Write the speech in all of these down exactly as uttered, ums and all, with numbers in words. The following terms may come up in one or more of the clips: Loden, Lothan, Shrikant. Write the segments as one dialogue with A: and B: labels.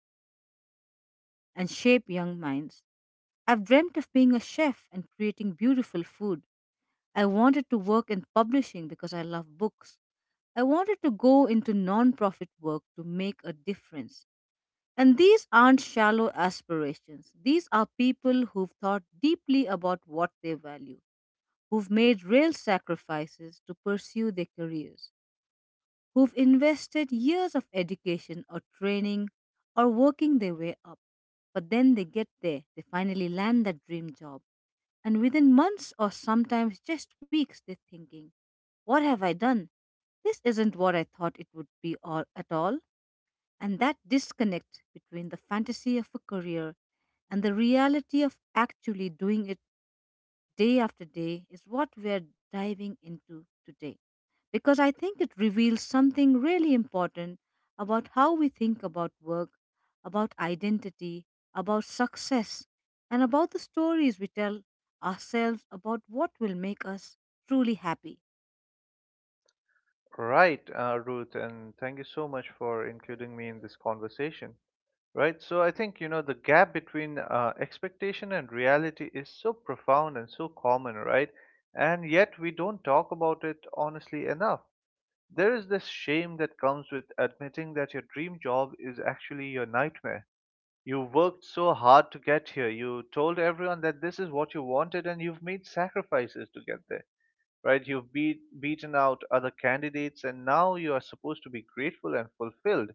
A: wanted to be a teacher and shape young minds. I've dreamt of being a chef and creating beautiful food. I wanted to work in publishing because I love books. I wanted to go into nonprofit work to make a difference. And these aren't shallow aspirations. These are people who've thought deeply about what they value, who've made real sacrifices to pursue their careers, who've invested years of education or training or working their way up. But then they get there, they finally land that dream job, and within months or sometimes just weeks, they're thinking, what have I done? This isn't what I thought it would be all, at all. And that disconnect between the fantasy of a career and the reality of actually doing it day after day is what we're diving into today, because I think it reveals something really important about how we think about work, about identity, about success, and about the stories we tell ourselves about what will make us truly happy.
B: Right, uh, Ruth, and thank you so much for including me in this conversation. Right, so I think you know the gap between uh, expectation and reality is so profound and so common, right? And yet we don't talk about it honestly enough. There is this shame that comes with admitting that your dream job is actually your nightmare. You worked so hard to get here, you told everyone that this is what you wanted, and you've made sacrifices to get there, right? You've beat, beaten out other candidates, and now you are supposed to be grateful and fulfilled.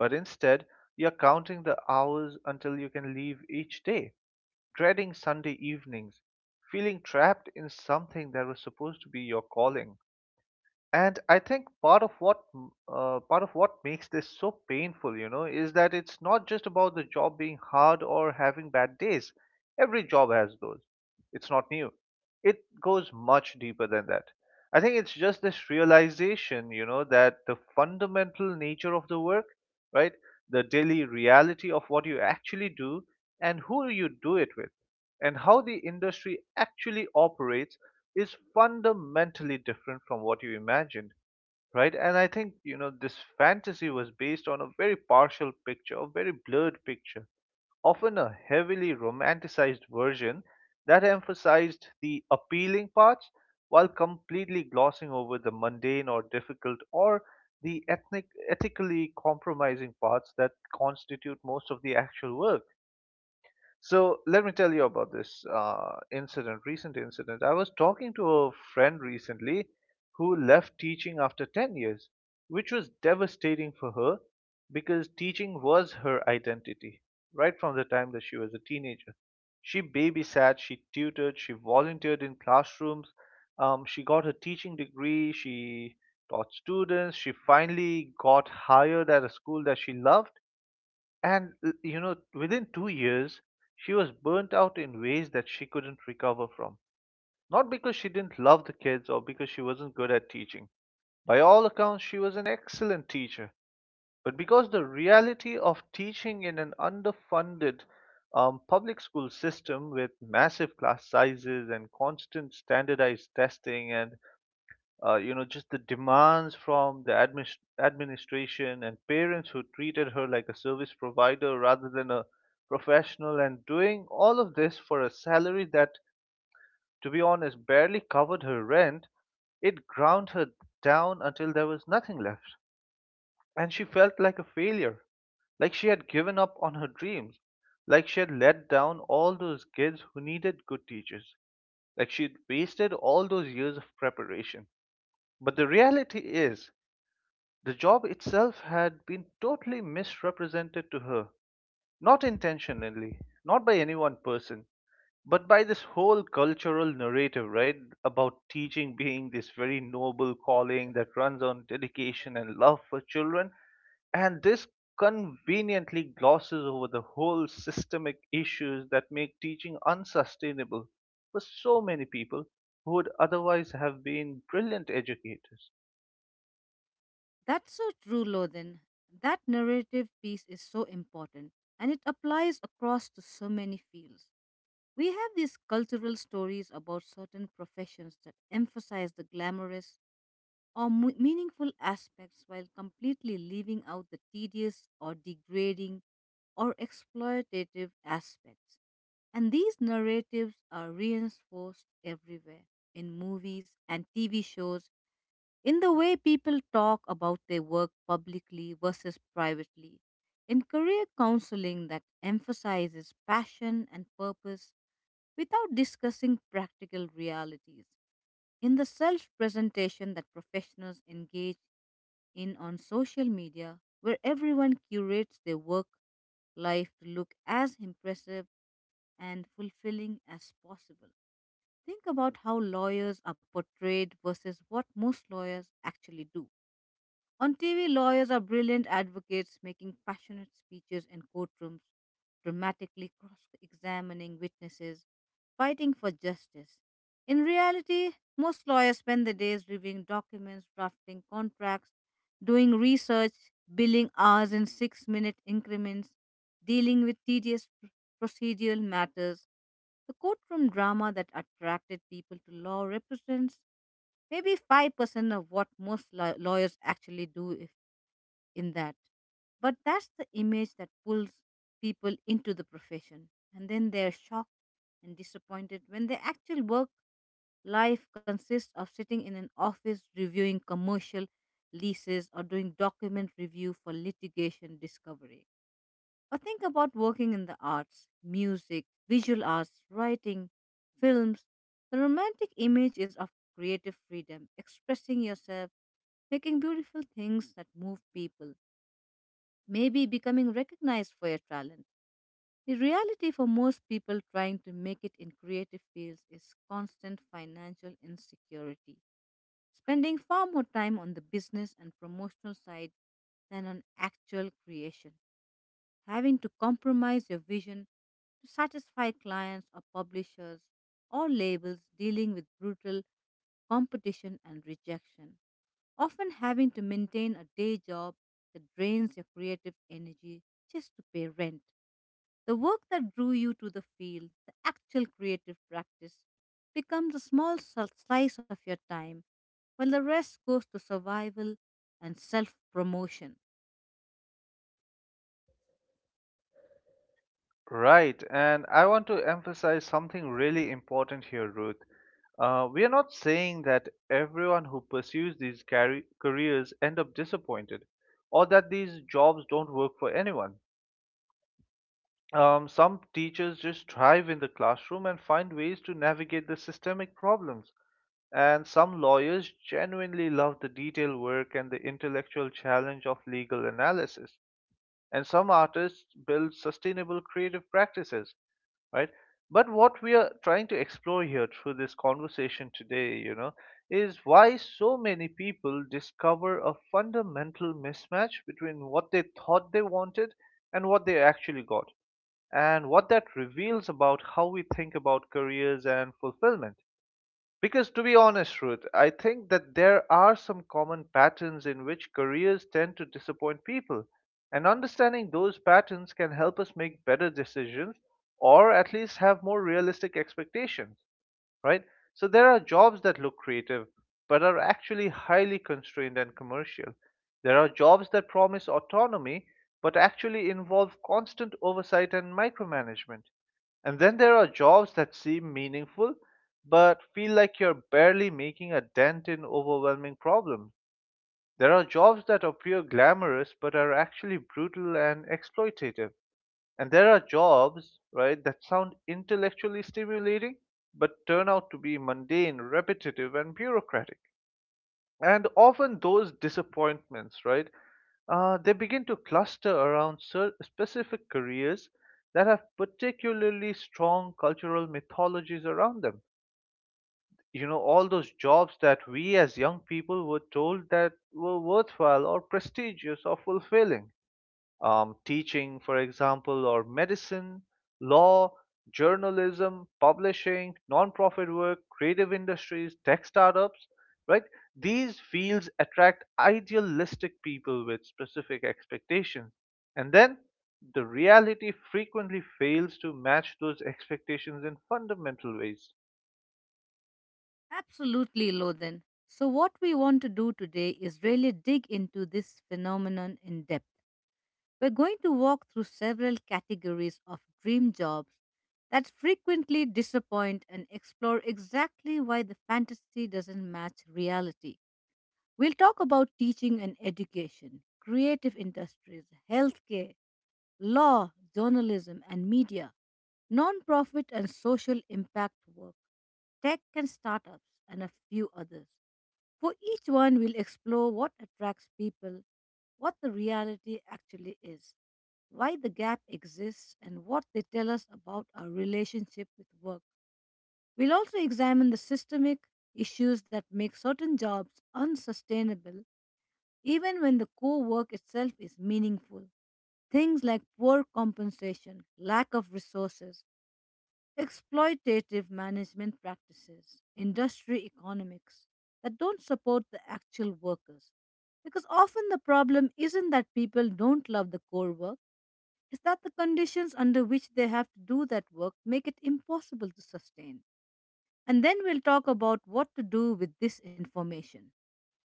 B: But instead, you're counting the hours until you can leave each day, dreading Sunday evenings, feeling trapped in something that was supposed to be your calling. And I think part of what m- uh, part of what makes this so painful, you know, is that it's not just about the job being hard or having bad days. Every job has those. It's not new. It goes much deeper than that. I think it's just this realization, you know, that the fundamental nature of the work, right? The daily reality of what you actually do and who you do it with and how the industry actually operates is fundamentally different from what you imagined, right? And I think, you know, this fantasy was based on a very partial picture, a very blurred picture, often a heavily romanticized version that emphasized the appealing parts while completely glossing over the mundane or difficult or the ethnic, ethically compromising parts that constitute most of the actual work. So let me tell you about this uh, incident, recent incident. I was talking to a friend recently who left teaching after ten years, which was devastating for her because teaching was her identity right from the time that she was a teenager. She babysat, she tutored, she volunteered in classrooms, um, she got her teaching degree, she taught students, she finally got hired at a school that she loved, and l- you know, within two years, she was burnt out in ways that she couldn't recover from. Not because she didn't love the kids or because she wasn't good at teaching. By all accounts, she was an excellent teacher. But because the reality of teaching in an underfunded um, public school system with massive class sizes and constant standardized testing and uh, you know, just the demands from the admis- administration and parents who treated her like a service provider rather than a professional, and doing all of this for a salary that, to be honest, barely covered her rent, it ground her down until there was nothing left. And she felt like a failure, like she had given up on her dreams, like she had let down all those kids who needed good teachers, like she had wasted all those years of preparation. But the reality is, the job itself had been totally misrepresented to her, not intentionally, not by any one person, but by this whole cultural narrative, right? About teaching being this very noble calling that runs on dedication and love for children. And this conveniently glosses over the whole systemic issues that make teaching unsustainable for so many people who would otherwise have been brilliant educators.
A: That's so true, Lothan. That narrative piece is so important, and it applies across to so many fields. We have these cultural stories about certain professions that emphasize the glamorous or mu- meaningful aspects while completely leaving out the tedious or degrading or exploitative aspects. And these narratives are reinforced everywhere, in movies and T V shows, in the way people talk about their work publicly versus privately, in career counseling that emphasizes passion and purpose without discussing practical realities, in the self presentation that professionals engage in on social media, where everyone curates their work life to look as impressive and fulfilling as possible. Think about how lawyers are portrayed versus what most lawyers actually do. On T V, lawyers are brilliant advocates making passionate speeches in courtrooms, dramatically cross examining witnesses, fighting for justice. In reality, most lawyers spend their days reviewing documents, drafting contracts, doing research, billing hours in six minute increments, dealing with tedious pr- procedural matters. The courtroom drama that attracted people to law represents maybe five percent of what most law- lawyers actually do, if in that. But that's the image that pulls people into the profession. And then they're shocked and disappointed when their actual work life consists of sitting in an office reviewing commercial leases or doing document review for litigation discovery. Or think about working in the arts, music, visual arts, writing, films. The romantic image is of creative freedom, expressing yourself, making beautiful things that move people, maybe becoming recognized for your talent. The reality for most people trying to make it in creative fields is constant financial insecurity, spending far more time on the business and promotional side than on actual creation, having to compromise your vision to satisfy clients or publishers or labels, dealing with brutal competition and rejection, often having to maintain a day job that drains your creative energy just to pay rent. The work that drew you to the field, the actual creative practice, becomes a small sl- slice of your time while the rest goes to survival and self promotion.
B: Right, and I want to emphasize something really important here, Ruth. Uh, we are not saying that everyone who pursues these carri- careers end up disappointed or that these jobs don't work for anyone. Um, some teachers just thrive in the classroom and find ways to navigate the systemic problems. And some lawyers genuinely love the detail work and the intellectual challenge of legal analysis, and some artists build sustainable creative practices, right? But what we are trying to explore here through this conversation today, you know, is why so many people discover a fundamental mismatch between what they thought they wanted and what they actually got, and what that reveals about how we think about careers and fulfillment. Because to be honest, Ruth, I think that there are some common patterns in which careers tend to disappoint people. And understanding those patterns can help us make better decisions, or at least have more realistic expectations, right? So there are jobs that look creative but are actually highly constrained and commercial. There are jobs that promise autonomy but actually involve constant oversight and micromanagement. And then there are jobs that seem meaningful but feel like you're barely making a dent in overwhelming problems. There are jobs that appear glamorous but are actually brutal and exploitative. And there are jobs, right, that sound intellectually stimulating but turn out to be mundane, repetitive, and bureaucratic. And often those disappointments, right, uh, they begin to cluster around cer- specific careers that have particularly strong cultural mythologies around them. You know, all those jobs that we as young people were told that were worthwhile or prestigious or fulfilling, um, teaching, for example, or medicine, law, journalism, publishing, non-profit work, creative industries, tech startups, right? These fields attract idealistic people with specific expectations. And then the reality frequently fails to match those expectations in fundamental ways.
A: Absolutely, Loden. So, what we want to do today is really dig into this phenomenon in depth. We're going to walk through several categories of dream jobs that frequently disappoint and explore exactly why the fantasy doesn't match reality. We'll talk about teaching and education, creative industries, healthcare, law, journalism and media, nonprofit and social impact work, tech and startups, and a few others. For each one, we'll explore what attracts people, what the reality actually is, why the gap exists, and what they tell us about our relationship with work. We'll also examine the systemic issues that make certain jobs unsustainable even when the co work itself is meaningful. Things like poor compensation, lack of resources, exploitative management practices, industry economics that don't support the actual workers. Because often the problem isn't that people don't love the core work, it's that the conditions under which they have to do that work make it impossible to sustain. And then we'll talk about what to do with this information.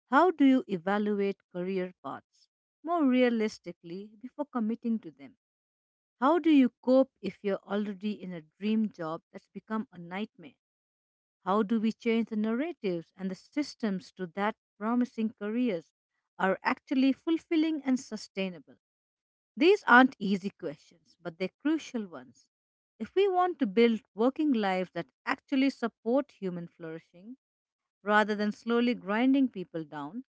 A: How do you evaluate career paths more realistically before committing to them? How do you cope if you're already in a dream job that's become a nightmare? How do we change the narratives and the systems to that promising careers are actually fulfilling and sustainable? These aren't easy questions, but they're crucial ones, if we want to build working lives that actually support human flourishing rather than slowly grinding people down.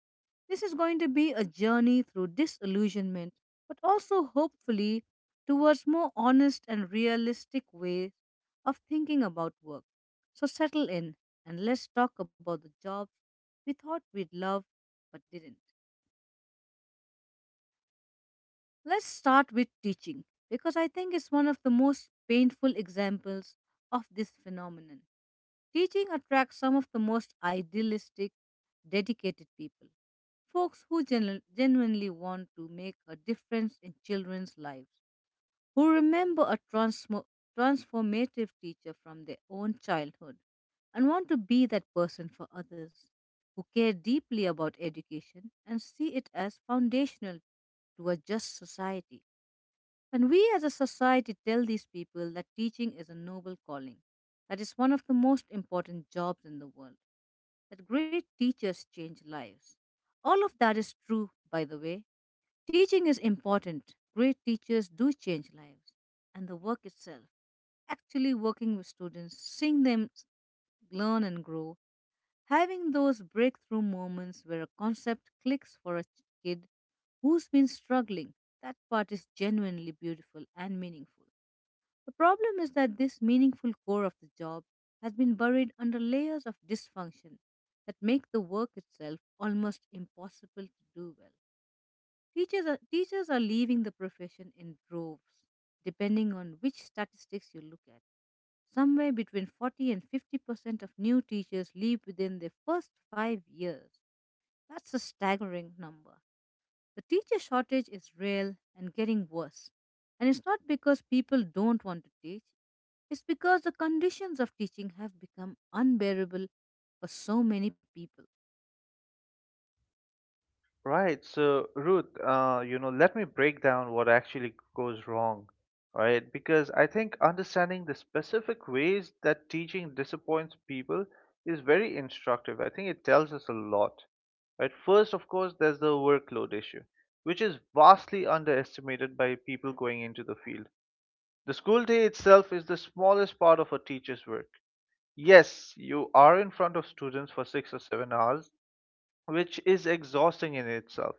A: This is going to be a journey through disillusionment, but also hopefully towards more honest and realistic ways of thinking about work. So settle in and let's talk about the jobs we thought we'd love but didn't. Let's start with teaching, because I think it's one of the most painful examples of this phenomenon. Teaching attracts some of the most idealistic, dedicated people. Folks who genu- genuinely want to make a difference in children's lives, who remember a transmo- transformative teacher from their own childhood and want to be that person for others, who care deeply about education and see it as foundational to a just society. And we as a society tell these people that teaching is a noble calling, that is one of the most important jobs in the world, that great teachers change lives. All of that is true, by the way. Teaching is important. Great teachers do change lives. And the work itself, actually working with students, seeing them s- learn and grow, having those breakthrough moments where a concept clicks for a ch- kid who's been struggling, that part is genuinely beautiful and meaningful. The problem is that this meaningful core of the job has been buried under layers of dysfunction that make the work itself almost impossible to do well. Teachers are, teachers are leaving the profession in droves. Depending on which statistics you look at, somewhere between forty and fifty percent of new teachers leave within their first five years. That's a staggering number. The teacher shortage is real and getting worse. And it's not because people don't want to teach, it's because the conditions of teaching have become unbearable for so many people.
B: Right. So, Ruth, uh, you know, let me break down what actually goes wrong, right? Because I think understanding the specific ways that teaching disappoints people is very instructive. I think it tells us a lot, right? First, of course, there's the workload issue, which is vastly underestimated by people going into the field. The school day itself is the smallest part of a teacher's work. Yes, you are in front of students for six or seven hours, which is exhausting in itself.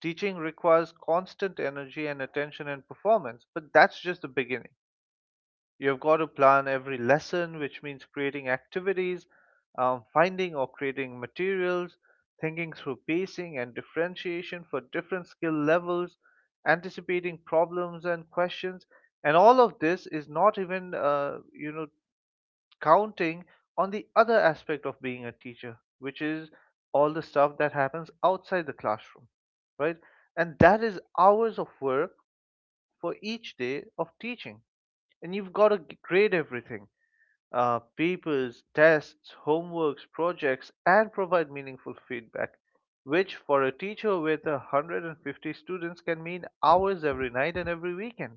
B: Teaching requires constant energy and attention and performance, but that's just the beginning. You've got to plan every lesson, which means creating activities, um, finding or creating materials, thinking through pacing and differentiation for different skill levels, anticipating problems and questions. And all of this is not even, uh, you know, counting on the other aspect of being a teacher, which is all the stuff that happens outside the classroom, right? And that is hours of work for each day of teaching. And you've got to grade everything, uh, papers, tests, homeworks, projects, and provide meaningful feedback, which for a teacher with one hundred fifty students can mean hours every night and every weekend.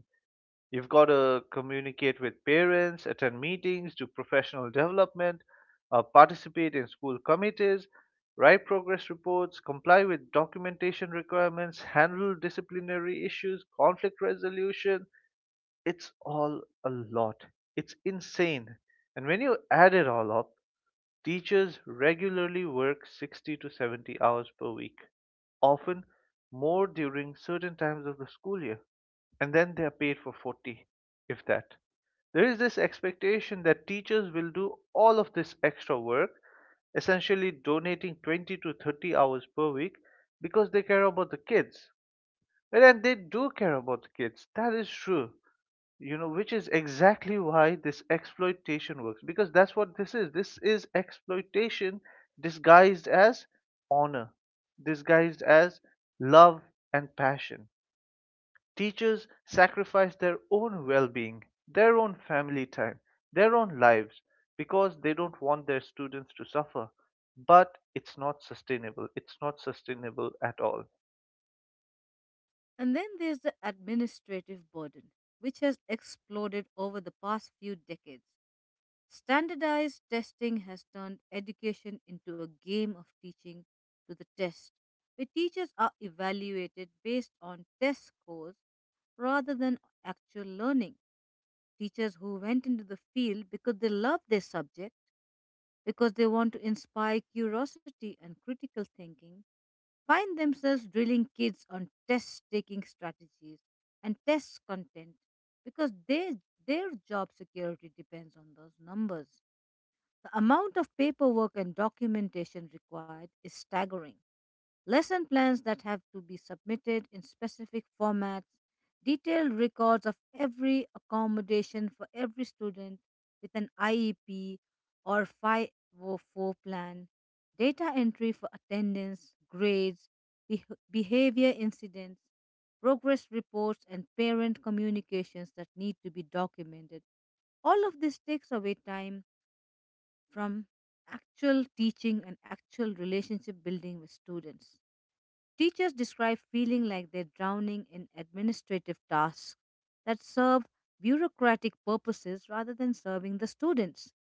B: You've got to communicate with parents, attend meetings, do professional development, uh, participate in school committees, write progress reports, comply with documentation requirements, handle disciplinary issues, conflict resolution. It's all a lot. It's insane. And when you add it all up, teachers regularly work sixty to seventy hours per week, often more during certain times of the school year, and then they are paid for forty, if that. There is this expectation that teachers will do all of this extra work, essentially donating twenty to thirty hours per week because they care about the kids. And then they do care about the kids, that is true, you know, which is exactly why this exploitation works. Because that's what this is, this is exploitation disguised as honor, disguised as love and passion. Teachers sacrifice their own well being, their own family time, their own lives because they don't want their students to suffer. But it's not sustainable. It's not sustainable at all.
A: And then there's the administrative burden, which has exploded over the past few decades. Standardized testing has turned education into a game of teaching to the test, where teachers are evaluated based on test scores rather than actual learning. Teachers who went into the field because they love their subject, because they want to inspire curiosity and critical thinking, find themselves drilling kids on test taking strategies and test content because they, their job security depends on those numbers. The amount of paperwork and documentation required is staggering. Lesson plans that have to be submitted in specific formats, detailed records of every accommodation for every student with an I E P or five oh four plan, data entry for attendance, grades, beh- behavior incidents, progress reports, and parent communications that need to be documented. All of this takes away time from actual teaching and actual relationship building with students. Teachers describe feeling like they're drowning in administrative tasks that serve bureaucratic purposes rather than serving the students.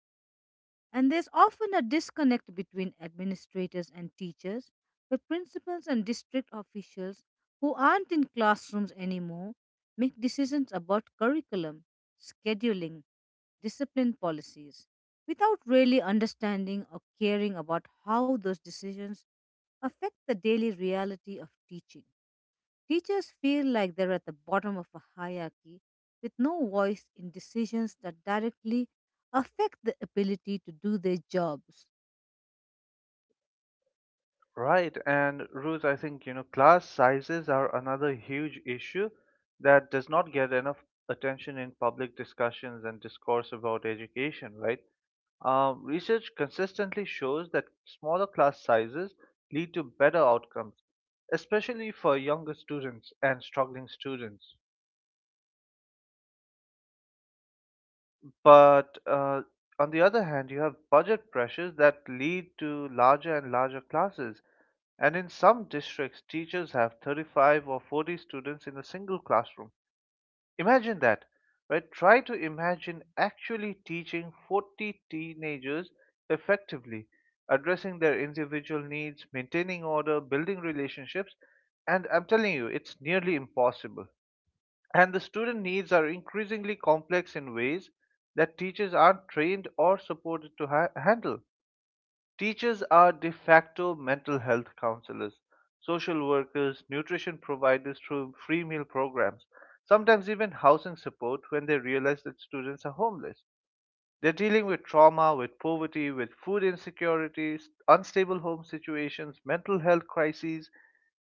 A: And there's often a disconnect between administrators and teachers, where principals and district officials who aren't in classrooms anymore make decisions about curriculum, scheduling, discipline policies, without really understanding or caring about how those decisions affect the daily reality of teaching. Teachers feel like they're at the bottom of a hierarchy with no voice in decisions that directly affect the ability to do their jobs.
B: Right. And Ruth, I think, you know, class sizes are another huge issue that does not get enough attention in public discussions and discourse about education, right? Um, research consistently shows that smaller class sizes lead to better outcomes, especially for younger students and struggling students. But uh, on the other hand, you have budget pressures that lead to larger and larger classes. And in some districts, teachers have thirty-five or forty students in a single classroom. Imagine that, right? Try to imagine actually teaching forty teenagers effectively, addressing their individual needs, maintaining order, building relationships, and I'm telling you, it's nearly impossible. And the student needs are increasingly complex in ways that teachers aren't trained or supported to ha- handle. Teachers are de facto mental health counselors, social workers, nutrition providers through free meal programs, sometimes even housing support when they realize that students are homeless. They're dealing with trauma, with poverty, with food insecurities, unstable home situations, mental health crises,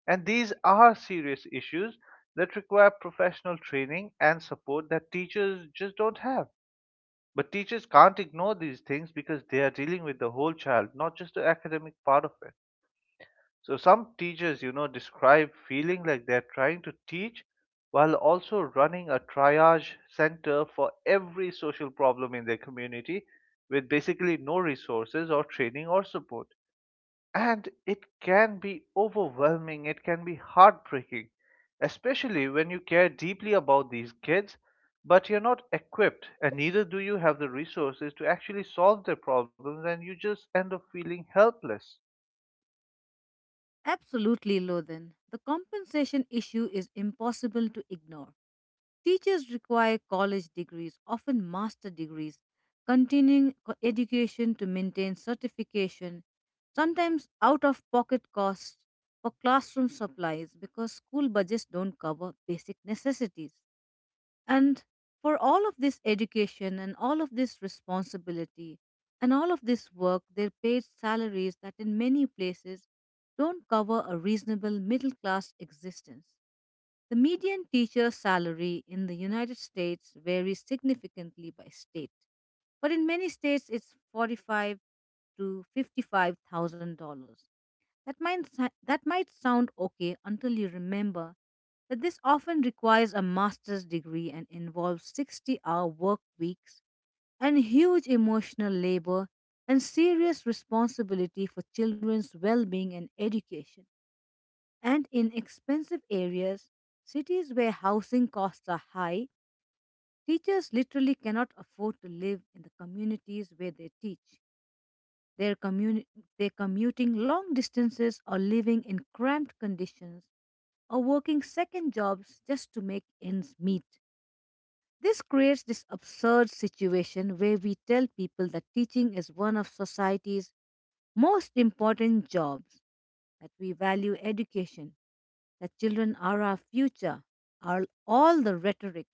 B: and these are serious issues that require professional training and support that teachers just don't have. But teachers can't ignore these things because they are dealing with the whole child, not just the academic part of it. So some teachers, you know, describe feeling like they're trying to teach while also running a triage center for every social problem in their community with basically no resources or training or support. And it can be overwhelming, it can be heartbreaking, especially when you care deeply about these kids, but you're not equipped and neither do you have the resources to actually solve their problems, and you just end up feeling helpless.
A: Absolutely, Lothan. The compensation issue is impossible to ignore. Teachers require college degrees, often master degrees, continuing co- education to maintain certification, sometimes out of pocket costs for classroom supplies because school budgets don't cover basic necessities. And for all of this education and all of this responsibility and all of this work, they're paid salaries that in many places don't cover a reasonable middle class existence. The median teacher salary in the United States varies significantly by state, but in many states it's forty-five to fifty-five thousand dollars. That might, si- that might sound okay until you remember that this often requires a master's degree and involves sixty hour work weeks and huge emotional labor and serious responsibility for children's well being and education. And in expensive areas, cities where housing costs are high, teachers literally cannot afford to live in the communities where they teach. They're, communi- they're commuting long distances or living in cramped conditions or working second jobs just to make ends meet. This creates this absurd situation where we tell people that teaching is one of society's most important jobs, that we value education, that children are our future, are all the rhetoric.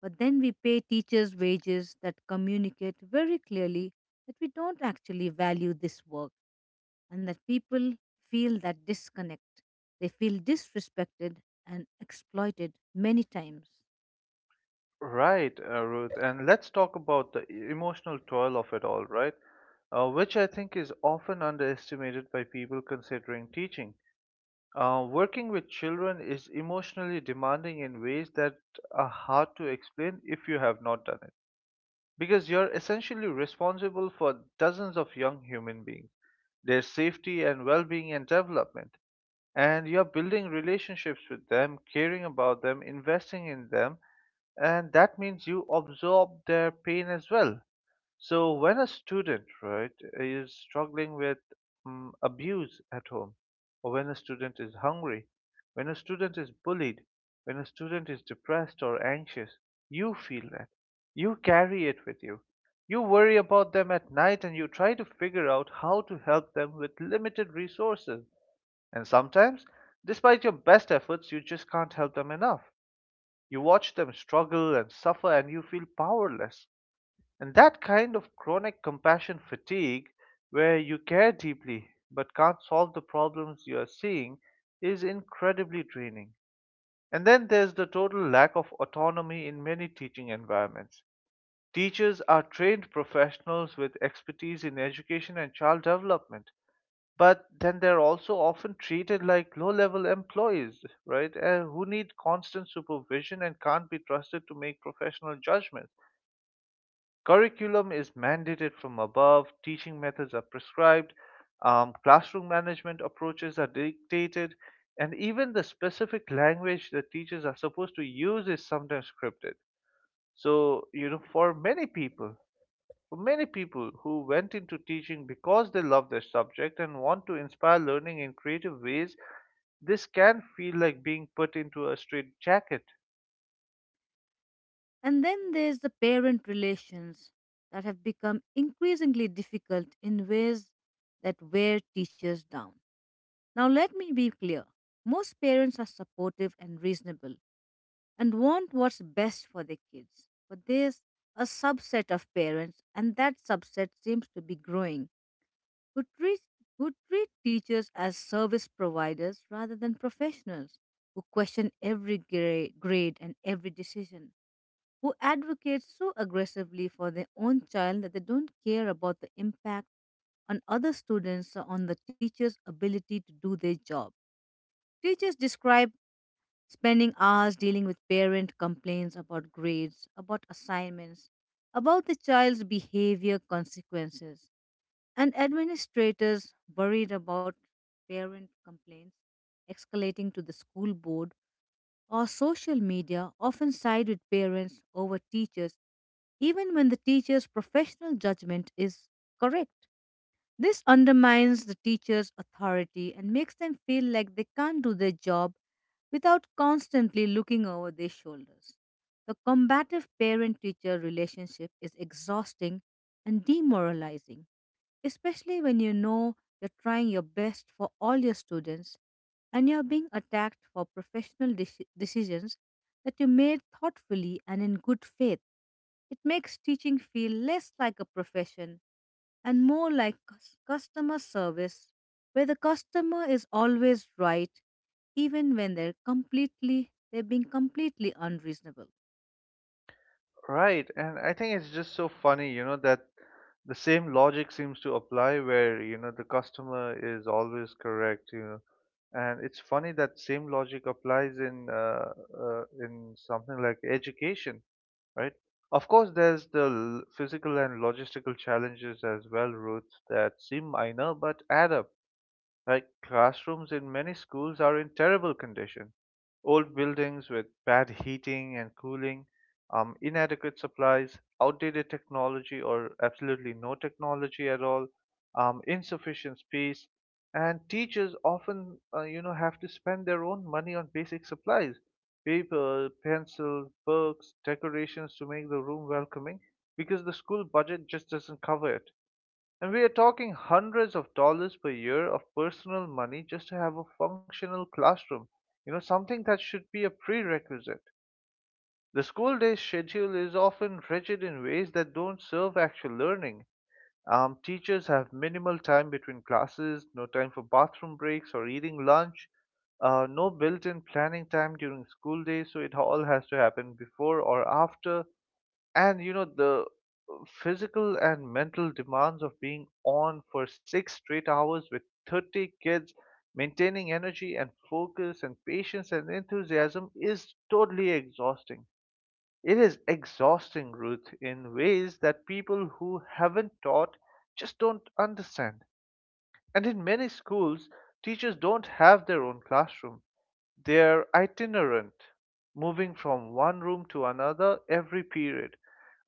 A: But then we pay teachers wages that communicate very clearly that we don't actually value this work and that people feel that disconnect. They feel disrespected and exploited many times.
B: Right, uh, Ruth. And let's talk about the e- emotional toil of it all, right? Uh, which I think is often underestimated by people considering teaching. Uh, working with children is emotionally demanding in ways that are hard to explain if you have not done it. Because you're essentially responsible for dozens of young human beings, their safety and well being and development. And you're building relationships with them, caring about them, investing in them, and that means you absorb their pain as well, so when a student, right, is struggling with um, abuse at home, or when a student is hungry, when a student is bullied, when a student is depressed or anxious, you feel that. You carry it with you. You worry about them at night and you try to figure out how to help them with limited resources. And sometimes, despite your best efforts, you just can't help them enough. You watch them struggle and suffer and you feel powerless. And that kind of chronic compassion fatigue, where you care deeply but can't solve the problems you are seeing, is incredibly draining. And then there's the total lack of autonomy in many teaching environments. Teachers are trained professionals with expertise in education and child development, but then they're also often treated like low level employees, right? Uh, who need constant supervision and can't be trusted to make professional judgments. Curriculum is mandated from above, teaching methods are prescribed, um, classroom management approaches are dictated, and even the specific language that teachers are supposed to use is sometimes scripted. So, you know, for many people, for many people who went into teaching because they love their subject and want to inspire learning in creative ways, this can feel like being put into a straitjacket.
A: And then there's the parent relations that have become increasingly difficult in ways that wear teachers down. Now, let me be clear, most parents are supportive and reasonable and want what's best for their kids, but there's a subset of parents, and that subset seems to be growing, who treat, who treat teachers as service providers rather than professionals, who question every gra- grade and every decision, who advocate so aggressively for their own child that they don't care about the impact on other students or on the teacher's ability to do their job. Teachers describe spending hours dealing with parent complaints about grades, about assignments, about the child's behavior consequences, and administrators worried about parent complaints escalating to the school board or social media often side with parents over teachers even when the teacher's professional judgment is correct. This undermines the teacher's authority and makes them feel like they can't do their job without constantly looking over their shoulders. The combative parent teacher relationship is exhausting and demoralizing, especially when you know you're trying your best for all your students and you're being attacked for professional deci- decisions that you made thoughtfully and in good faith. It makes teaching feel less like a profession and more like cus- customer service, where the customer is always right, even when they're completely they're being completely unreasonable.
B: Right, and I think it's just so funny, you know, that the same logic seems to apply where, you know, the customer is always correct, you know. And it's funny that same logic applies in uh, uh, in something like education, right? Of course, there's the l- physical and logistical challenges as well, Ruth, that seem minor but add up. Like classrooms in many schools are in terrible condition. Old buildings with bad heating and cooling, um, inadequate supplies, outdated technology or absolutely no technology at all, um, insufficient space, and teachers often, uh, you know, have to spend their own money on basic supplies, paper, pencils, books, decorations to make the room welcoming because the school budget just doesn't cover it. And we are talking hundreds of dollars per year of personal money just to have a functional classroom, you know, something that should be a prerequisite. The school day schedule is often rigid in ways that don't serve actual learning. Um, teachers have minimal time between classes, no time for bathroom breaks or eating lunch, uh, no built in planning time during school day, so it all has to happen before or after. And you know, the uh, physical and mental demands of being on for six straight hours with thirty kids maintaining energy and focus and patience and enthusiasm is totally exhausting. It is exhausting, Ruth, in ways that people who haven't taught just don't understand. And in many schools teachers don't have their own classroom. They're itinerant, moving from one room to another every period,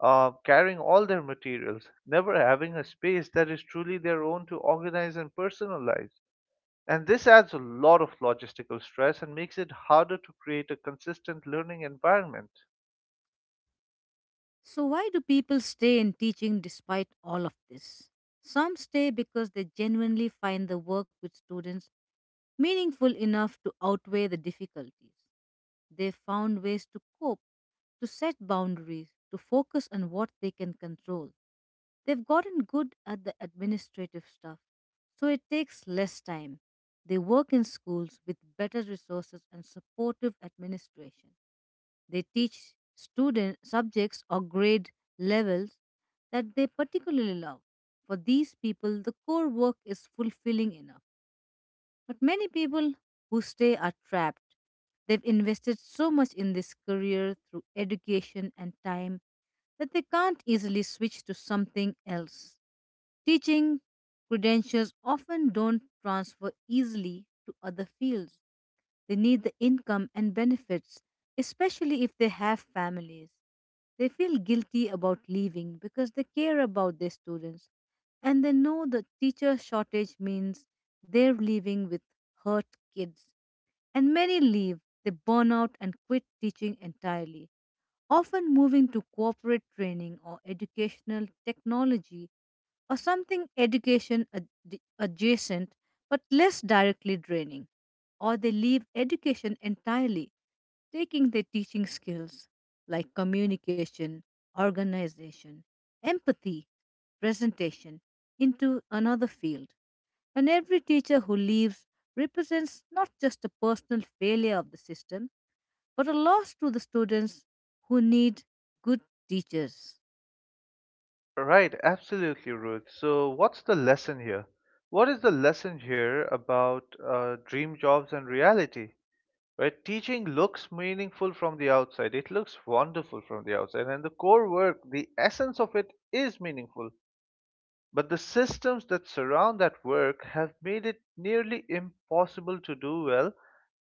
B: uh, carrying all their materials, never having a space that is truly their own to organize and personalize. And this adds a lot of logistical stress and makes it harder to create a consistent learning environment.
A: So why do people stay in teaching despite all of this? Some stay because they genuinely find the work with students meaningful enough to outweigh the difficulties. They found ways to cope, to set boundaries, to focus on what they can control. They've gotten good at the administrative stuff, so it takes less time. They work in schools with better resources and supportive administration. They teach student subjects or grade levels that they particularly love. For these people, the core work is fulfilling enough. But many people who stay are trapped. They've invested so much in this career through education and time that they can't easily switch to something else. Teaching credentials often don't transfer easily to other fields. They need the income and benefits, especially if they have families. They feel guilty about leaving because they care about their students and they know the teacher shortage means they're leaving with hurt kids. And many leave, they burn out and quit teaching entirely, often moving to corporate training or educational technology or something education ad- adjacent but less directly draining. Or they leave education entirely, taking their teaching skills like communication, organization, empathy, presentation into another field. And every teacher who leaves represents not just a personal failure of the system, but a loss to the students who need good teachers.
B: Right, absolutely, Ruth. So, what's the lesson here? What is the lesson here about uh, dream jobs and reality? Right, teaching looks meaningful from the outside, it looks wonderful from the outside, and the core work, the essence of it, is meaningful, but the systems that surround that work have made it nearly impossible to do well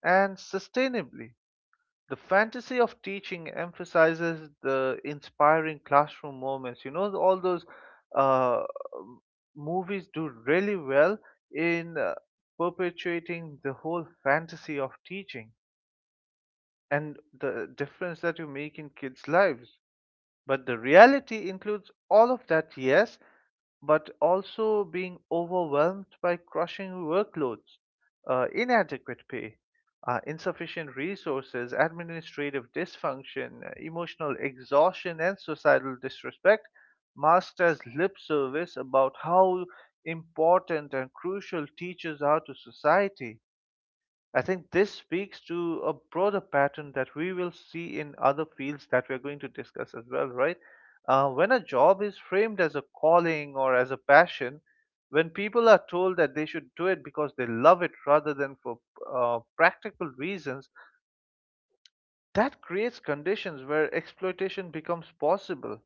B: and sustainably. The fantasy of teaching emphasizes the inspiring classroom moments, you know, all those uh, movies do really well in uh, perpetuating the whole fantasy of teaching and the difference that you make in kids' lives. But the reality includes all of that, yes, but also being overwhelmed by crushing workloads, uh, inadequate pay, uh, insufficient resources, administrative dysfunction, uh, emotional exhaustion, and societal disrespect, masked as lip service about how important and crucial teachers are to society. I think this speaks to a broader pattern that we will see in other fields that we're going to discuss as well, right? Uh, when a job is framed as a calling or as a passion, when people are told that they should do it because they love it rather than for uh, practical reasons, that creates conditions where exploitation becomes possible.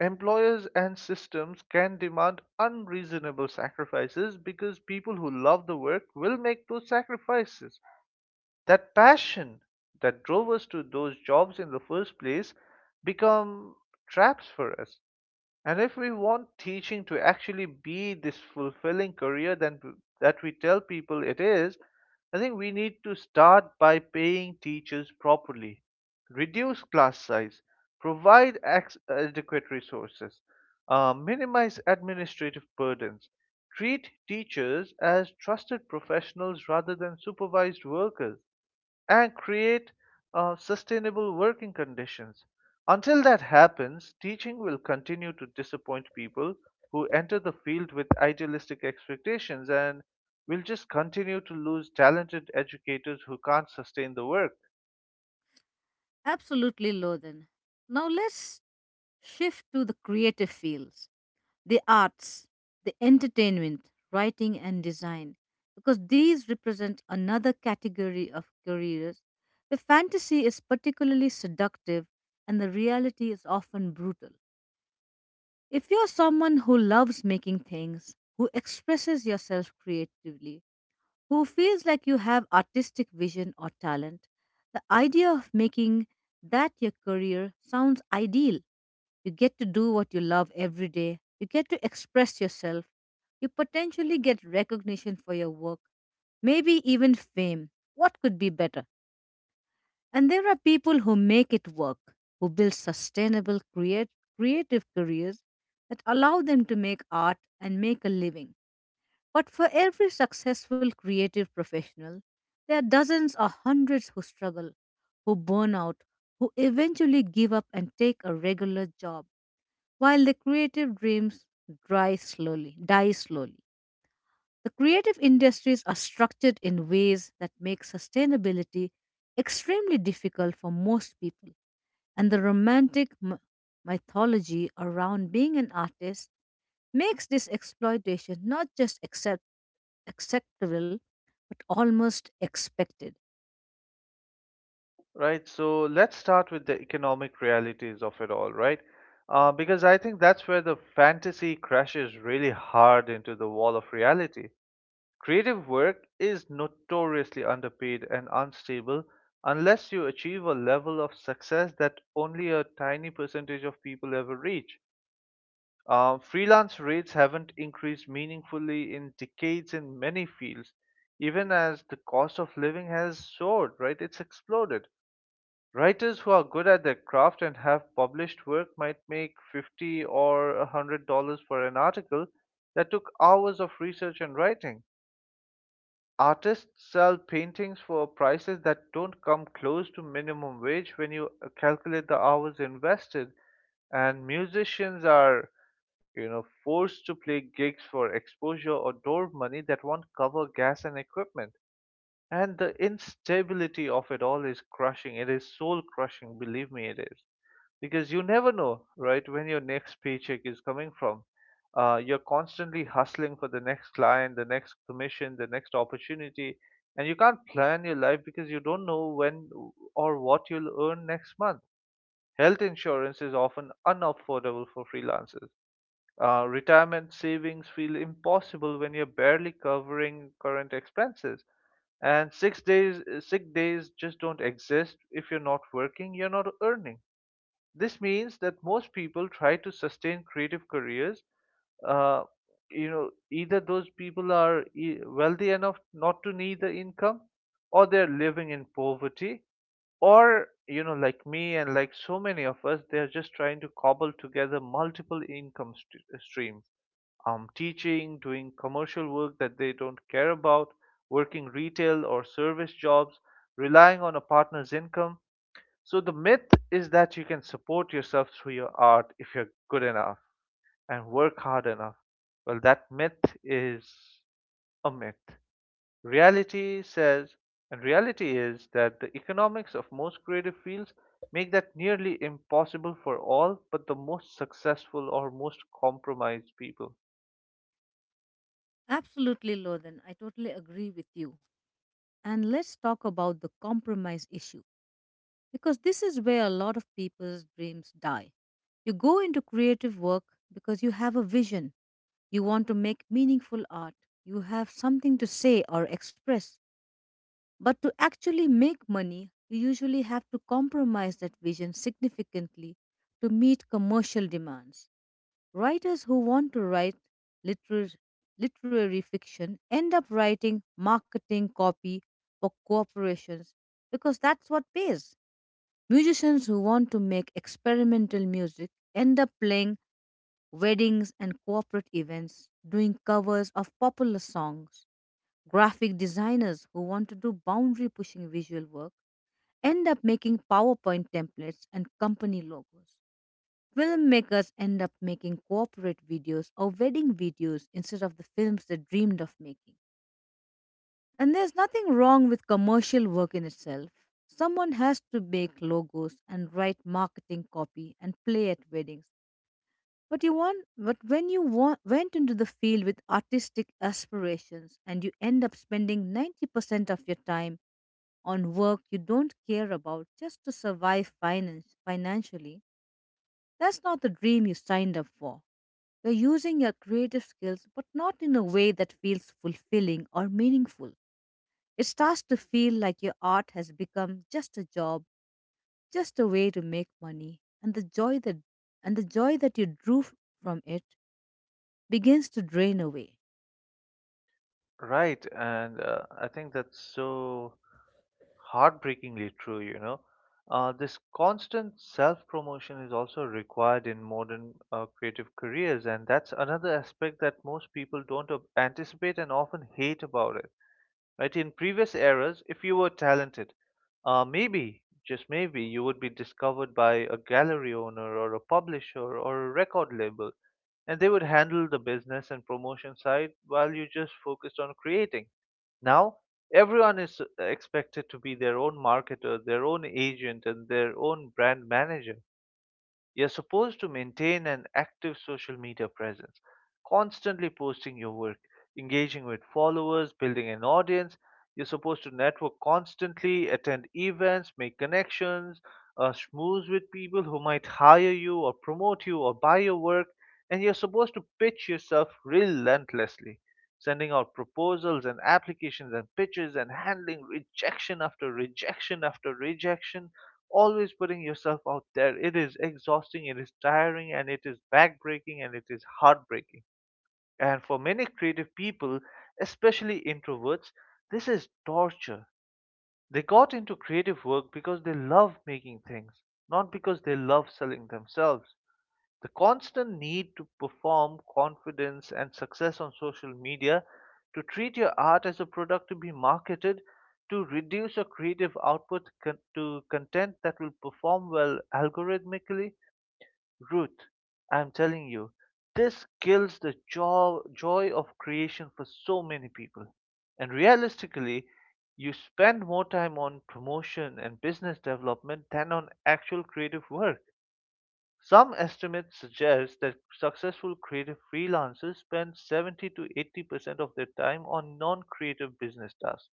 B: Employers and systems can demand unreasonable sacrifices because people who love the work will make those sacrifices. That passion that drove us to those jobs in the first place become traps for us. And if we want teaching to actually be this fulfilling career then w- that we tell people it is, I think we need to start by paying teachers properly, reduce class size, provide ac- adequate resources, uh, minimize administrative burdens, treat teachers as trusted professionals rather than supervised workers, and create uh, sustainable working conditions. Until that happens, teaching will continue to disappoint people who enter the field with idealistic expectations and will just continue to lose talented educators who can't sustain the work.
A: Absolutely, Lothan. Now let's shift to the creative fields, the arts, the entertainment, writing, and design, because these represent another category of careers where fantasy is particularly seductive and the reality is often brutal. If you're someone who loves making things, who expresses yourself creatively, who feels like you have artistic vision or talent, the idea of making that your career sounds ideal. You get to do what you love every day. You get to express yourself. You potentially get recognition for your work, maybe even fame. What could be better? And there are people who make it work, who build sustainable, create, creative careers that allow them to make art and make a living. But for every successful creative professional, there are dozens or hundreds who struggle, who burn out, who eventually give up and take a regular job while the creative dreams dry slowly, die slowly. The creative industries are structured in ways that make sustainability extremely difficult for most people, and the romantic m- mythology around being an artist makes this exploitation not just accept- acceptable but almost expected.
B: Right? So let's start with the economic realities of it all, right? Uh, because I think that's where the fantasy crashes really hard into the wall of reality. Creative work is notoriously underpaid and unstable unless you achieve a level of success that only a tiny percentage of people ever reach. Uh, freelance rates haven't increased meaningfully in decades in many fields, even as the cost of living has soared, right? It's exploded. Writers who are good at their craft and have published work might make fifty or one hundred dollars for an article that took hours of research and writing. Artists sell paintings for prices that don't come close to minimum wage when you uh, calculate the hours invested, and musicians are, you know, forced to play gigs for exposure or door money that won't cover gas and equipment. And the instability of it all is crushing. It is soul crushing, believe me, it is, because you never know, right, when your next paycheck is coming from. Uh, you're constantly hustling for the next client, the next commission, the next opportunity, and you can't plan your life because you don't know when or what you'll earn next month. Health insurance is often unaffordable for freelancers. Uh, retirement savings feel impossible when you're barely covering current expenses, and six days sick days just don't exist. If you're not working, you're not earning. This means that most people try to sustain creative careers. Uh, you know, either those people are e- wealthy enough not to need the income, or they're living in poverty, or, you know, like me and like so many of us, they're just trying to cobble together multiple income st- uh, streams, um, teaching, doing commercial work that they don't care about, working retail or service jobs, relying on a partner's income. So the myth is that you can support yourself through your art if you're good enough and work hard enough. Well, that myth is a myth. Reality says, and reality is, that the economics of most creative fields make that nearly impossible for all but the most successful or most compromised people.
A: Absolutely, Lothan, I totally agree with you. And let's talk about the compromise issue because this is where a lot of people's dreams die. You go into creative work because you have a vision, you want to make meaningful art, you have something to say or express. But to actually make money, you usually have to compromise that vision significantly to meet commercial demands. Writers who want to write literary, literary fiction end up writing marketing copy for corporations because that's what pays. Musicians who want to make experimental music end up playing weddings and corporate events, doing covers of popular songs. Graphic designers who want to do boundary pushing visual work end up making PowerPoint templates and company logos. Filmmakers end up making corporate videos or wedding videos instead of the films they dreamed of making. And there's nothing wrong with commercial work in itself. Someone has to make logos and write marketing copy and play at weddings. But you want, but when you want, went into the field with artistic aspirations and you end up spending ninety percent of your time on work you don't care about just to survive finance, financially, that's not the dream you signed up for. You're using your creative skills, but not in a way that feels fulfilling or meaningful. It starts to feel like your art has become just a job, just a way to make money, and the joy that and the joy that you drew f- from it begins to drain away.
B: Right, and uh, I think that's so heartbreakingly true, you know. Uh, this constant self promotion is also required in modern uh, creative careers, and that's another aspect that most people don't ob- anticipate and often hate about it. Right? In previous eras, if you were talented, uh, maybe, just maybe, you would be discovered by a gallery owner or a publisher or a record label, and they would handle the business and promotion side while you just focused on creating. Now, everyone is expected to be their own marketer, their own agent, and their own brand manager. You're supposed to maintain an active social media presence, constantly posting your work, engaging with followers, building an audience. You're supposed to network constantly, attend events, make connections, uh, schmooze with people who might hire you or promote you or buy your work. And you're supposed to pitch yourself relentlessly, sending out proposals and applications and pitches and handling rejection after rejection after rejection, always putting yourself out there. It is exhausting, it is tiring, and it is backbreaking and it is heartbreaking. And for many creative people, especially introverts, this is torture. They got into creative work because they love making things, not because they love selling themselves. The constant need to perform confidence and success on social media, to treat your art as a product to be marketed, to reduce your creative output con- to content that will perform well algorithmically. Ruth, I'm telling you, this kills the jo- joy of creation for so many people. And realistically, you spend more time on promotion and business development than on actual creative work. Some estimates suggest that successful creative freelancers spend seventy to eighty percent of their time on non creative business tasks.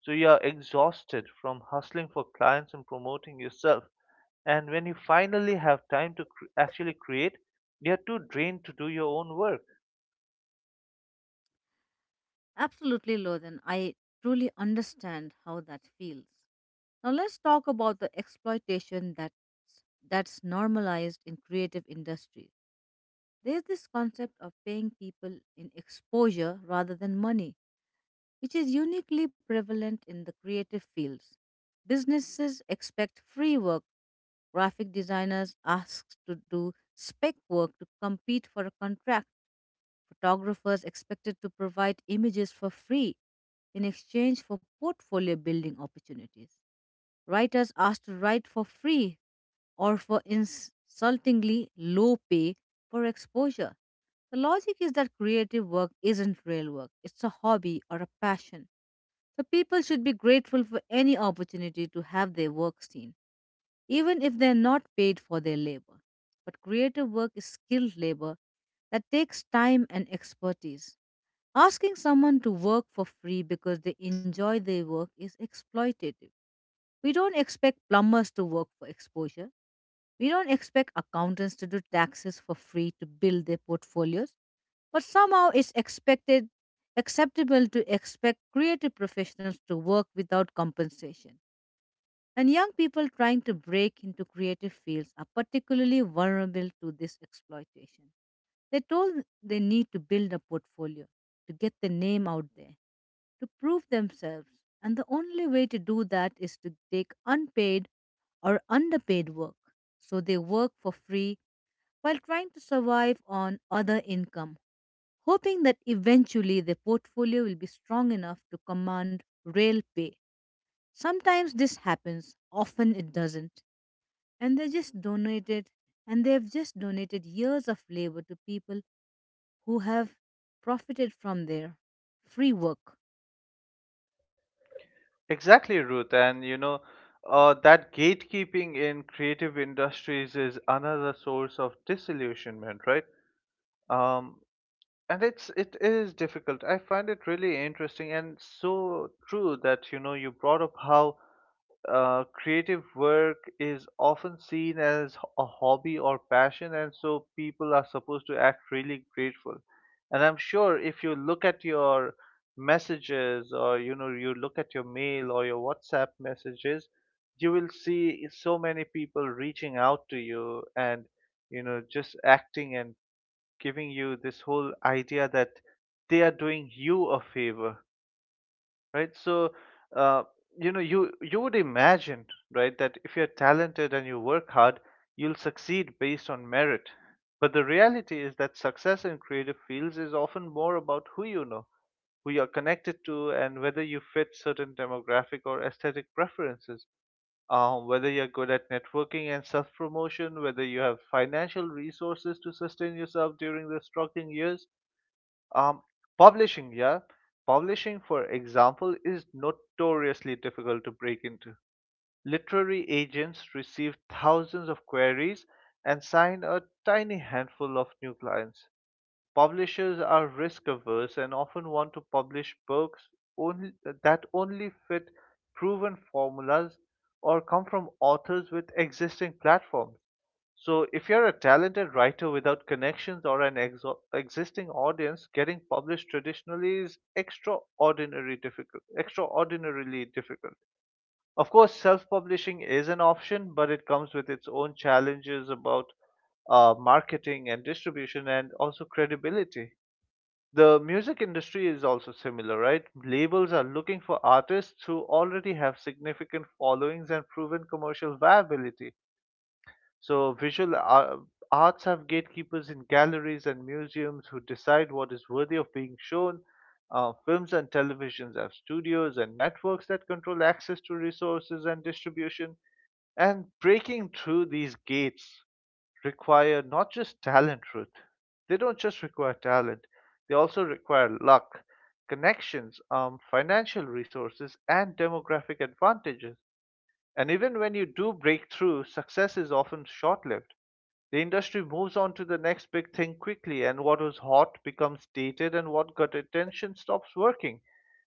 B: So you are exhausted from hustling for clients and promoting yourself. And when you finally have time to cr- actually create, you are too drained to do your own work.
A: Absolutely, Lothan. I truly understand how that feels. Now let's talk about the exploitation that's that's normalized in creative industries. There's this concept of paying people in exposure rather than money which is uniquely prevalent in the creative fields. Businesses expect free work. Graphic designers asked to do spec work to compete for a contract. Photographers expected to provide images for free in exchange for portfolio building opportunities. Writers asked to write for free or for insultingly low pay for exposure. The logic is that creative work isn't real work, it's a hobby or a passion. So people should be grateful for any opportunity to have their work seen, even if they're not paid for their labor. But creative work is skilled labor that takes time and expertise. Asking someone to work for free because they enjoy their work is exploitative. We don't expect plumbers to work for exposure. We don't expect accountants to do taxes for free to build their portfolios. But somehow it's expected acceptable to expect creative professionals to work without compensation. And young people trying to break into creative fields are particularly vulnerable to this exploitation. They told they need to build a portfolio, to get their name out there, to prove themselves. And the only way to do that is to take unpaid or underpaid work. So they work for free while trying to survive on other income, hoping that eventually their portfolio will be strong enough to command real pay. Sometimes this happens, often it doesn't. And they just donated and they've just donated years of labor to people who have profited from their free work.
B: Exactly, Ruth. And you know, uh, that gatekeeping in creative industries is another source of disillusionment, right? Um, and it's it is difficult. I find it really interesting and so true that, you know, you brought up how uh, creative work is often seen as a hobby or passion, and so people are supposed to act really grateful. And I'm sure if you look at your messages, or, you know, you look at your mail or your WhatsApp messages, you will see so many people reaching out to you and, you know, just acting and giving you this whole idea that they are doing you a favor, right? So, uh, you know, you you would imagine, right, that if you're talented and you work hard, you'll succeed based on merit. But the reality is that success in creative fields is often more about who you know, who you're connected to, and whether you fit certain demographic or aesthetic preferences. Um, whether you're good at networking and self promotion, whether you have financial resources to sustain yourself during the struggling years, um, publishing, yeah. Publishing, for example, is notoriously difficult to break into. Literary agents receive thousands of queries and sign a tiny handful of new clients. Publishers are risk averse and often want to publish books only, that only fit proven formulas or come from authors with existing platforms. So, if you're a talented writer without connections or an exo- existing audience, getting published traditionally is extraordinary difficult, extraordinarily difficult. Of course, self-publishing is an option, but it comes with its own challenges about uh, marketing and distribution and also credibility. The music industry is also similar, right? Labels are looking for artists who already have significant followings and proven commercial viability. So visual ar- arts have gatekeepers in galleries and museums who decide what is worthy of being shown. Uh, films and televisions have studios and networks that control access to resources and distribution. And breaking through these gates require not just talent, Ruth. They don't just require talent, they also require luck, connections, um, financial resources, and demographic advantages. And even when you do break through, success is often short lived. The industry moves on to the next big thing quickly, and what was hot becomes dated, and what got attention stops working.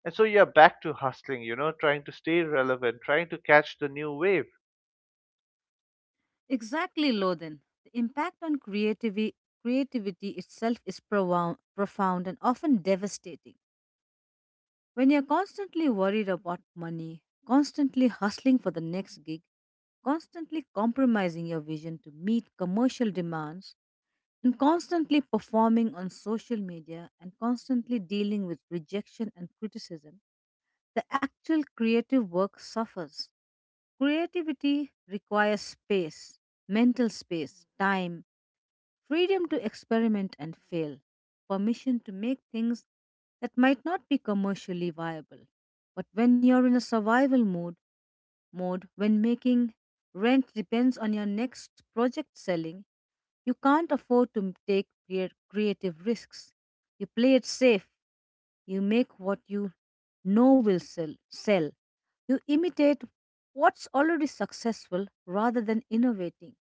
B: And so you're back to hustling, you know, trying to stay relevant, trying to catch the new wave.
A: Exactly, Loden. The impact on creativity, creativity itself is profound, profound and often devastating. When you're constantly worried about money, constantly hustling for the next gig, constantly compromising your vision to meet commercial demands, and constantly performing on social media and constantly dealing with rejection and criticism, the actual creative work suffers. Creativity requires space, mental space, time, freedom to experiment and fail, permission to make things that might not be commercially viable. But when you're in a survival mode, mode, when making rent depends on your next project selling, you can't afford to take crea- creative risks. You play it safe. You make what you know will sell. sell. You imitate what's already successful rather than innovating.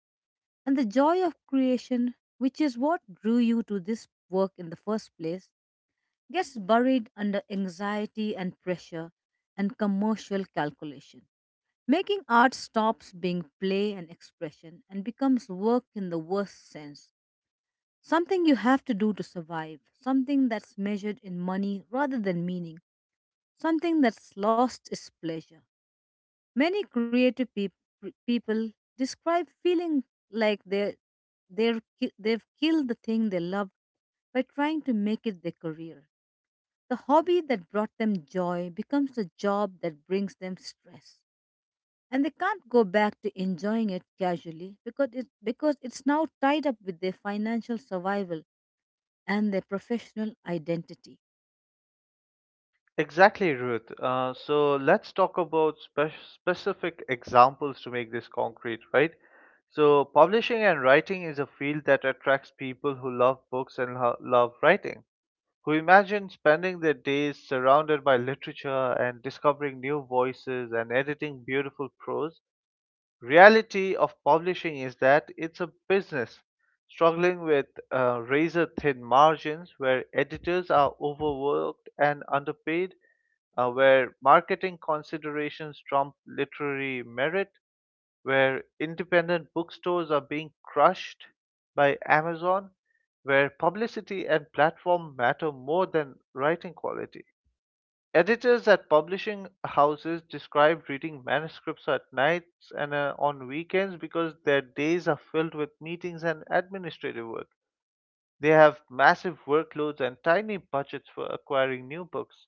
A: And the joy of creation, which is what drew you to this work in the first place, gets buried under anxiety and pressure and commercial calculation. Making art stops being play and expression and becomes work in the worst sense. Something you have to do to survive, something that's measured in money rather than meaning, something that's lost is pleasure. Many creative peop- people describe feeling like they they're, ki- they've killed the thing they love by trying to make it their career. The hobby that brought them joy becomes the job that brings them stress. And they can't go back to enjoying it casually because, it, because it's now tied up with their financial survival and their professional identity.
B: Exactly, Ruth. Uh, so let's talk about spe- specific examples to make this concrete, right? So, publishing and writing is a field that attracts people who love books and lo- love writing, who imagine spending their days surrounded by literature and discovering new voices and editing beautiful prose. Reality of publishing is that it's a business struggling with uh, razor thin margins, where editors are overworked and underpaid, uh, where marketing considerations trump literary merit, where independent bookstores are being crushed by Amazon, where publicity and platform matter more than writing quality. Editors at publishing houses describe reading manuscripts at nights and uh, on weekends because their days are filled with meetings and administrative work. They have massive workloads and tiny budgets for acquiring new books.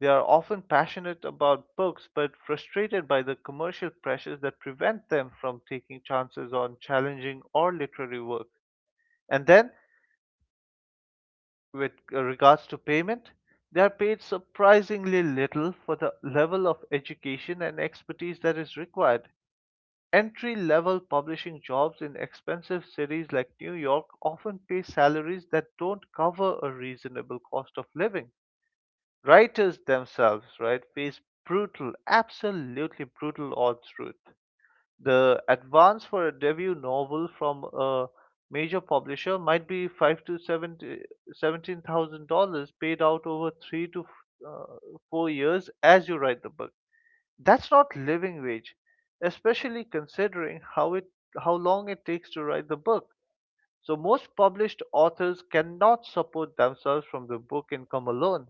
B: They are often passionate about books but frustrated by the commercial pressures that prevent them from taking chances on challenging or literary work. And then, with regards to payment, they are paid surprisingly little for the level of education and expertise that is required. Entry level publishing jobs in expensive cities like New York often pay salaries that don't cover a reasonable cost of living. Writers themselves, right, face brutal, absolutely brutal odds, truth. The advance for a debut novel from a major publisher might be five to seventy seventeen thousand dollars, paid out over three to uh, four years as you write the book. That's not living wage, especially considering how it how long it takes to write the book. So most published authors cannot support themselves from the book income alone.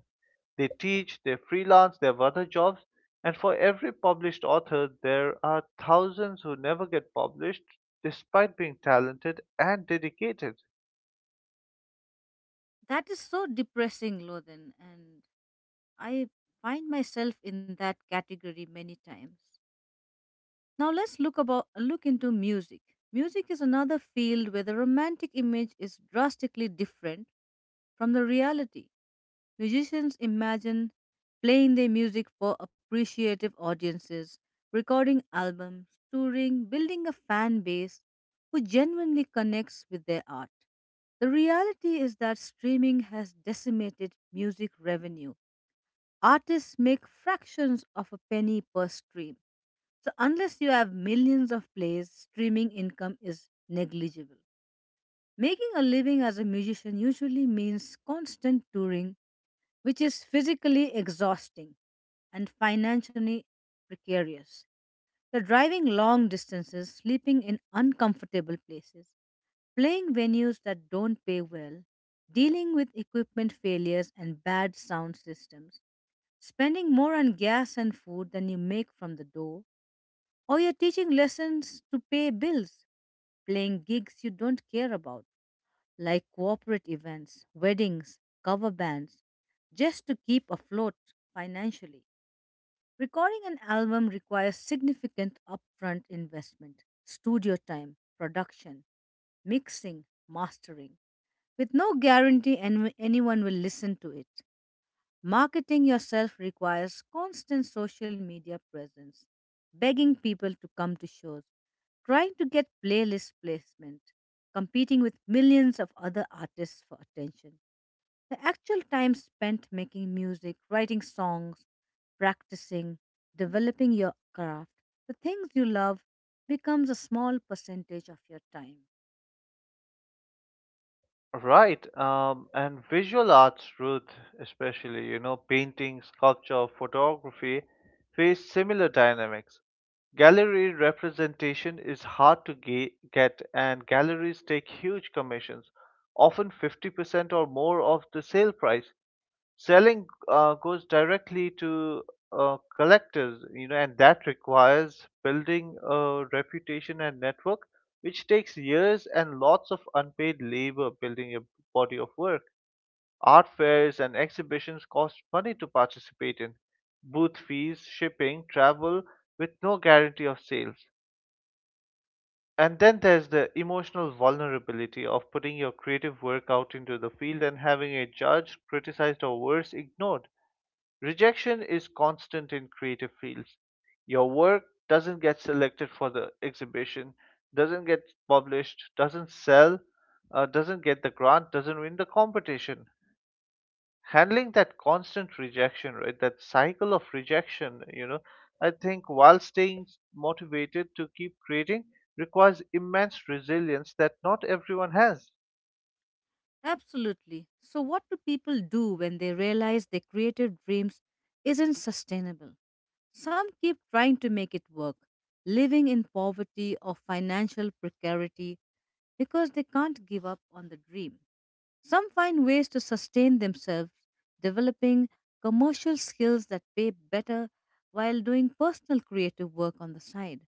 B: They teach, they freelance, they have other jobs, and for every published author, there are thousands who never get published despite being talented and dedicated.
A: That is so depressing, Lothan. And I find myself in that category many times. Now let's look about look into music. Music is another field where the romantic image is drastically different from the reality. Musicians imagine playing their music for appreciative audiences, recording albums, touring, building a fan base who genuinely connects with their art. The reality is that streaming has decimated music revenue artists make fractions of a penny per stream. So, unless you have millions of plays, streaming income is negligible. Making a living as a musician usually means constant touring, which is physically exhausting and financially precarious. The driving long distances, sleeping in uncomfortable places, playing venues that don't pay well, dealing with equipment failures and bad sound systems spending more on gas and food than you make from the door, or you're teaching lessons to pay bills, playing gigs you don't care about, like corporate events, weddings, cover bands, just to keep afloat financially. Recording an album requires significant upfront investment, studio time, production, mixing, mastering, with no guarantee any- anyone will listen to it. Marketing yourself requires constant social media presence, begging people to come to shows, trying to get playlist placement, competing with millions of other artists for attention. The actual time spent making music, writing songs, practicing, developing your craft, the things you love, becomes a small percentage of your time.
B: Right, um, and visual arts, Ruth, especially, you know, painting, sculpture, photography, face similar dynamics. Gallery representation is hard to ga- get, and galleries take huge commissions, often fifty percent or more of the sale price. Selling uh, goes directly to uh, collectors, you know, and that requires building a reputation and network, which takes years and lots of unpaid labor, building a body of work. Art fairs and exhibitions cost money to participate in, booth fees, shipping, travel, with no guarantee of sales. And then there's the emotional vulnerability of putting your creative work out into the field and having a judge criticized or worse ignored. Rejection is constant in creative fields. Your work doesn't get selected for the exhibition, doesn't get published, doesn't sell, uh, doesn't get the grant, doesn't win the competition. Handling that constant rejection, right? That cycle of rejection, you know, I think, while staying motivated to keep creating, requires immense resilience that not everyone has.
A: Absolutely. So, what do people do when they realize their creative dreams isn't sustainable? Some keep trying to make it work, living in poverty or financial precarity because they can't give up on the dream. Some find ways to sustain themselves, developing commercial skills that pay better while doing personal creative work on the side,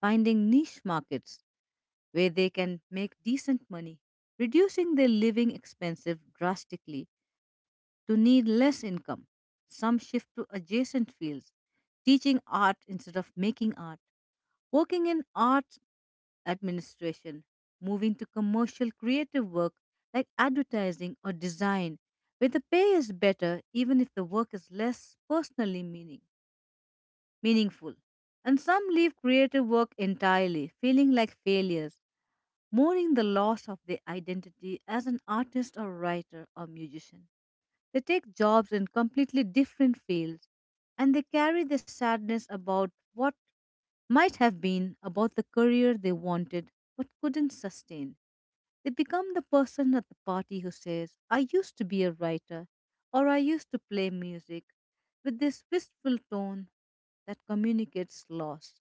A: finding niche markets where they can make decent money, reducing their living expenses drastically to need less income. Some shift to adjacent fields, teaching art instead of making art, working in arts administration, moving to commercial creative work like advertising or design, where the pay is better even if the work is less personally meaning, meaningful. And some leave creative work entirely, feeling like failures mourning the loss of their identity as an artist or writer or musician. They take jobs in completely different fields and they carry the sadness about what might have been, about the career they wanted but couldn't sustain. They become the person at the party who says, I used to be a writer or I used to play music with this wistful tone that communicates loss.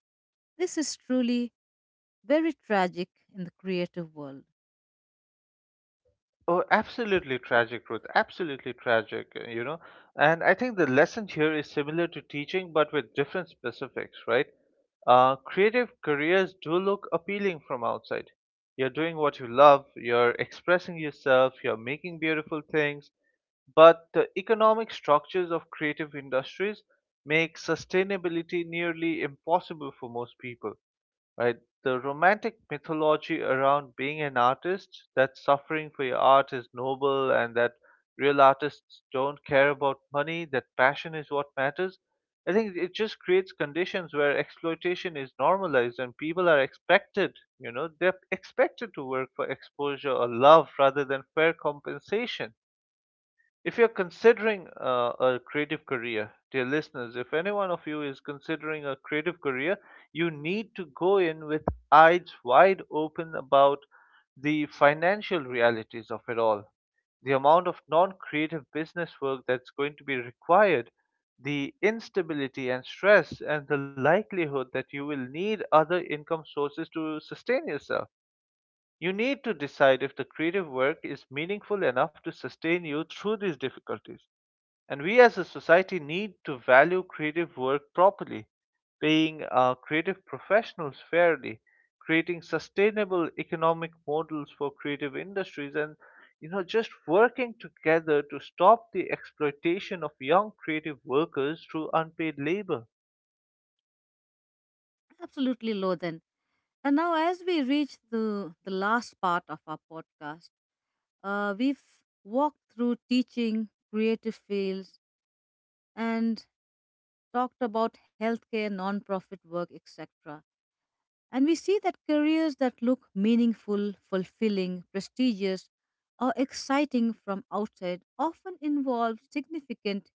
A: This is truly very tragic in the creative world.
B: Oh, absolutely tragic, Ruth. Absolutely tragic, uh, you know. And I think the lesson here is similar to teaching, but with different specifics, right? Uh, creative careers do look appealing from outside. You're doing what you love, you're expressing yourself, you're making beautiful things, but the economic structures of creative industries make sustainability nearly impossible for most people, right? The romantic mythology around being an artist, that suffering for your art is noble, and that real artists don't care about money, that passion is what matters. I think it just creates conditions where exploitation is normalized and people are expected, you know, they're expected to work for exposure or love rather than fair compensation. If you're considering uh, a creative career, dear listeners, if any one of you is considering a creative career, you need to go in with eyes wide open about the financial realities of it all. The amount of non creative business work that's going to be required, the instability and stress, and the likelihood that you will need other income sources to sustain yourself. You need to decide if the creative work is meaningful enough to sustain you through these difficulties. And we as a society need to value creative work properly, paying our creative professionals fairly, creating sustainable economic models for creative industries, and, you know, just working together to stop the exploitation of young creative workers through unpaid labor.
A: Absolutely, Lothan. And now, as we reach the, the last part of our podcast, uh, we've walked through teaching, creative fields, and talked about healthcare, nonprofit work, et cetera. And we see that careers that look meaningful, fulfilling, prestigious, or exciting from outside often involve significant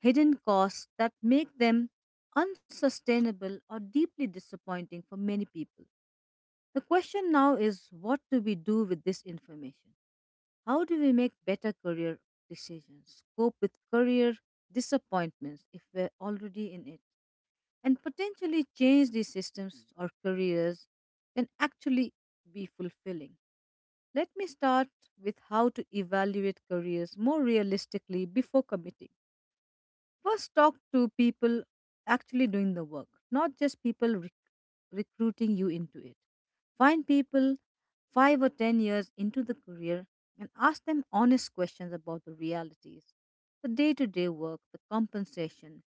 A: hidden costs that make them unsustainable or deeply disappointing for many people. The question now is what do we do with this information? How do we make better career decisions, cope with career disappointments if we're already in it, and potentially change these systems or careers can actually be fulfilling? Let me start with how to evaluate careers more realistically before committing. First, talk to people actually doing the work, not just people rec- recruiting you into it. Find people five or ten years into the career and ask them honest questions about the realities, the day to day work, the compensation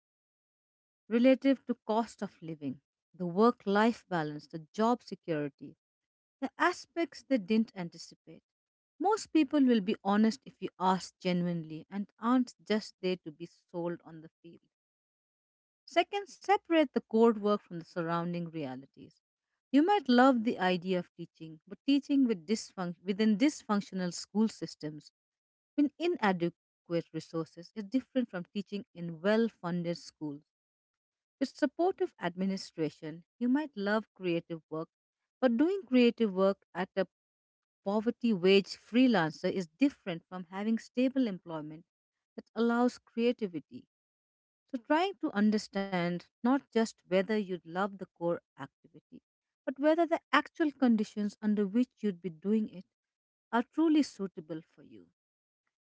A: relative to cost of living, the work life balance, the job security, the aspects they didn't anticipate. Most people will be honest if you ask genuinely and aren't just there to be sold on the field. Second, separate the code work from the surrounding realities. You might love the idea of teaching, but teaching with disfunc- within dysfunctional school systems with inadequate resources is different from teaching in well funded schools. With supportive administration, you might love creative work, but doing creative work at a poverty wage freelancer is different from having stable employment that allows creativity so trying to understand not just whether you'd love the core activity, but whether the actual conditions under which you'd be doing it are truly suitable for you.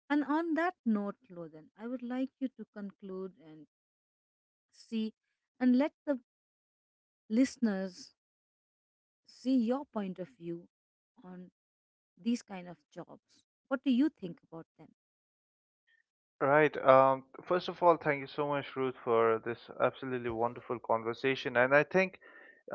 A: And on that note, Lothan, I would like you to conclude and see and let the listeners see your point of view on these kind of jobs. What do you think about them?
B: Right. Um, first of all, thank you so much, Ruth, for this absolutely wonderful conversation. And I think,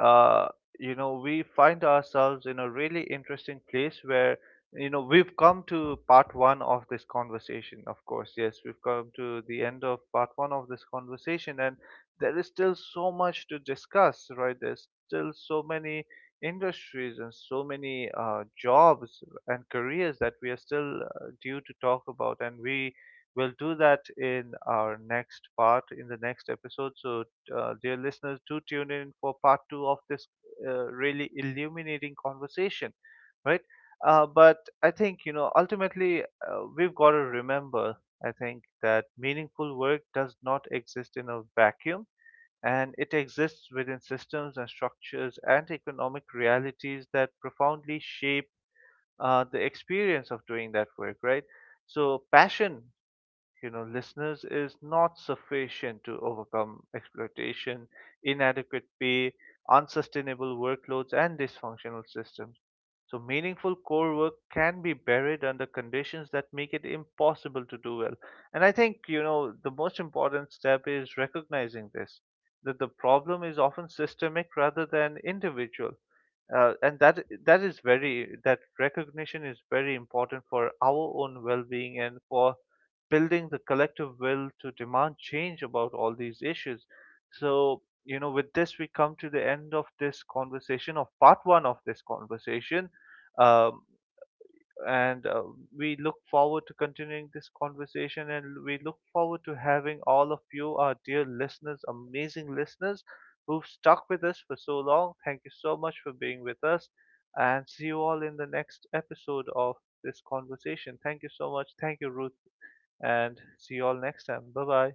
B: uh, you know, we find ourselves in a really interesting place where, you know, we've come to part one of this conversation, of course. Yes, we've come to the end of part one of this conversation, and there is still so much to discuss, right? There's still so many industries and so many uh, jobs and careers that we are still uh, due to talk about, and we We'll do that in our next part, in the next episode. So, uh, dear listeners, do tune in for part two of this uh, really illuminating conversation, right? Uh, but I think, you know, ultimately, uh, we've got to remember, I think, that meaningful work does not exist in a vacuum, and it exists within systems and structures and economic realities that profoundly shape uh, the experience of doing that work, right? So, passion, you know, listeners, is not sufficient to overcome exploitation, inadequate pay, unsustainable workloads, and dysfunctional systems. So, meaningful core work can be buried under conditions that make it impossible to do well. And I think, you know, the most important step is recognizing this, that the problem is often systemic rather than individual. Uh, and that that is very that recognition is very important for our own well-being and for building the collective will to demand change about all these issues. So, you know, with this, we come to the end of this conversation, of part one of this conversation. Um, and uh, we look forward to continuing this conversation, and we look forward to having all of you, our dear listeners, amazing listeners, who've stuck with us for so long. Thank you so much for being with us and see you all in the next episode of this conversation. Thank you so much. Thank you, Ruth, and see you all next time. Bye bye.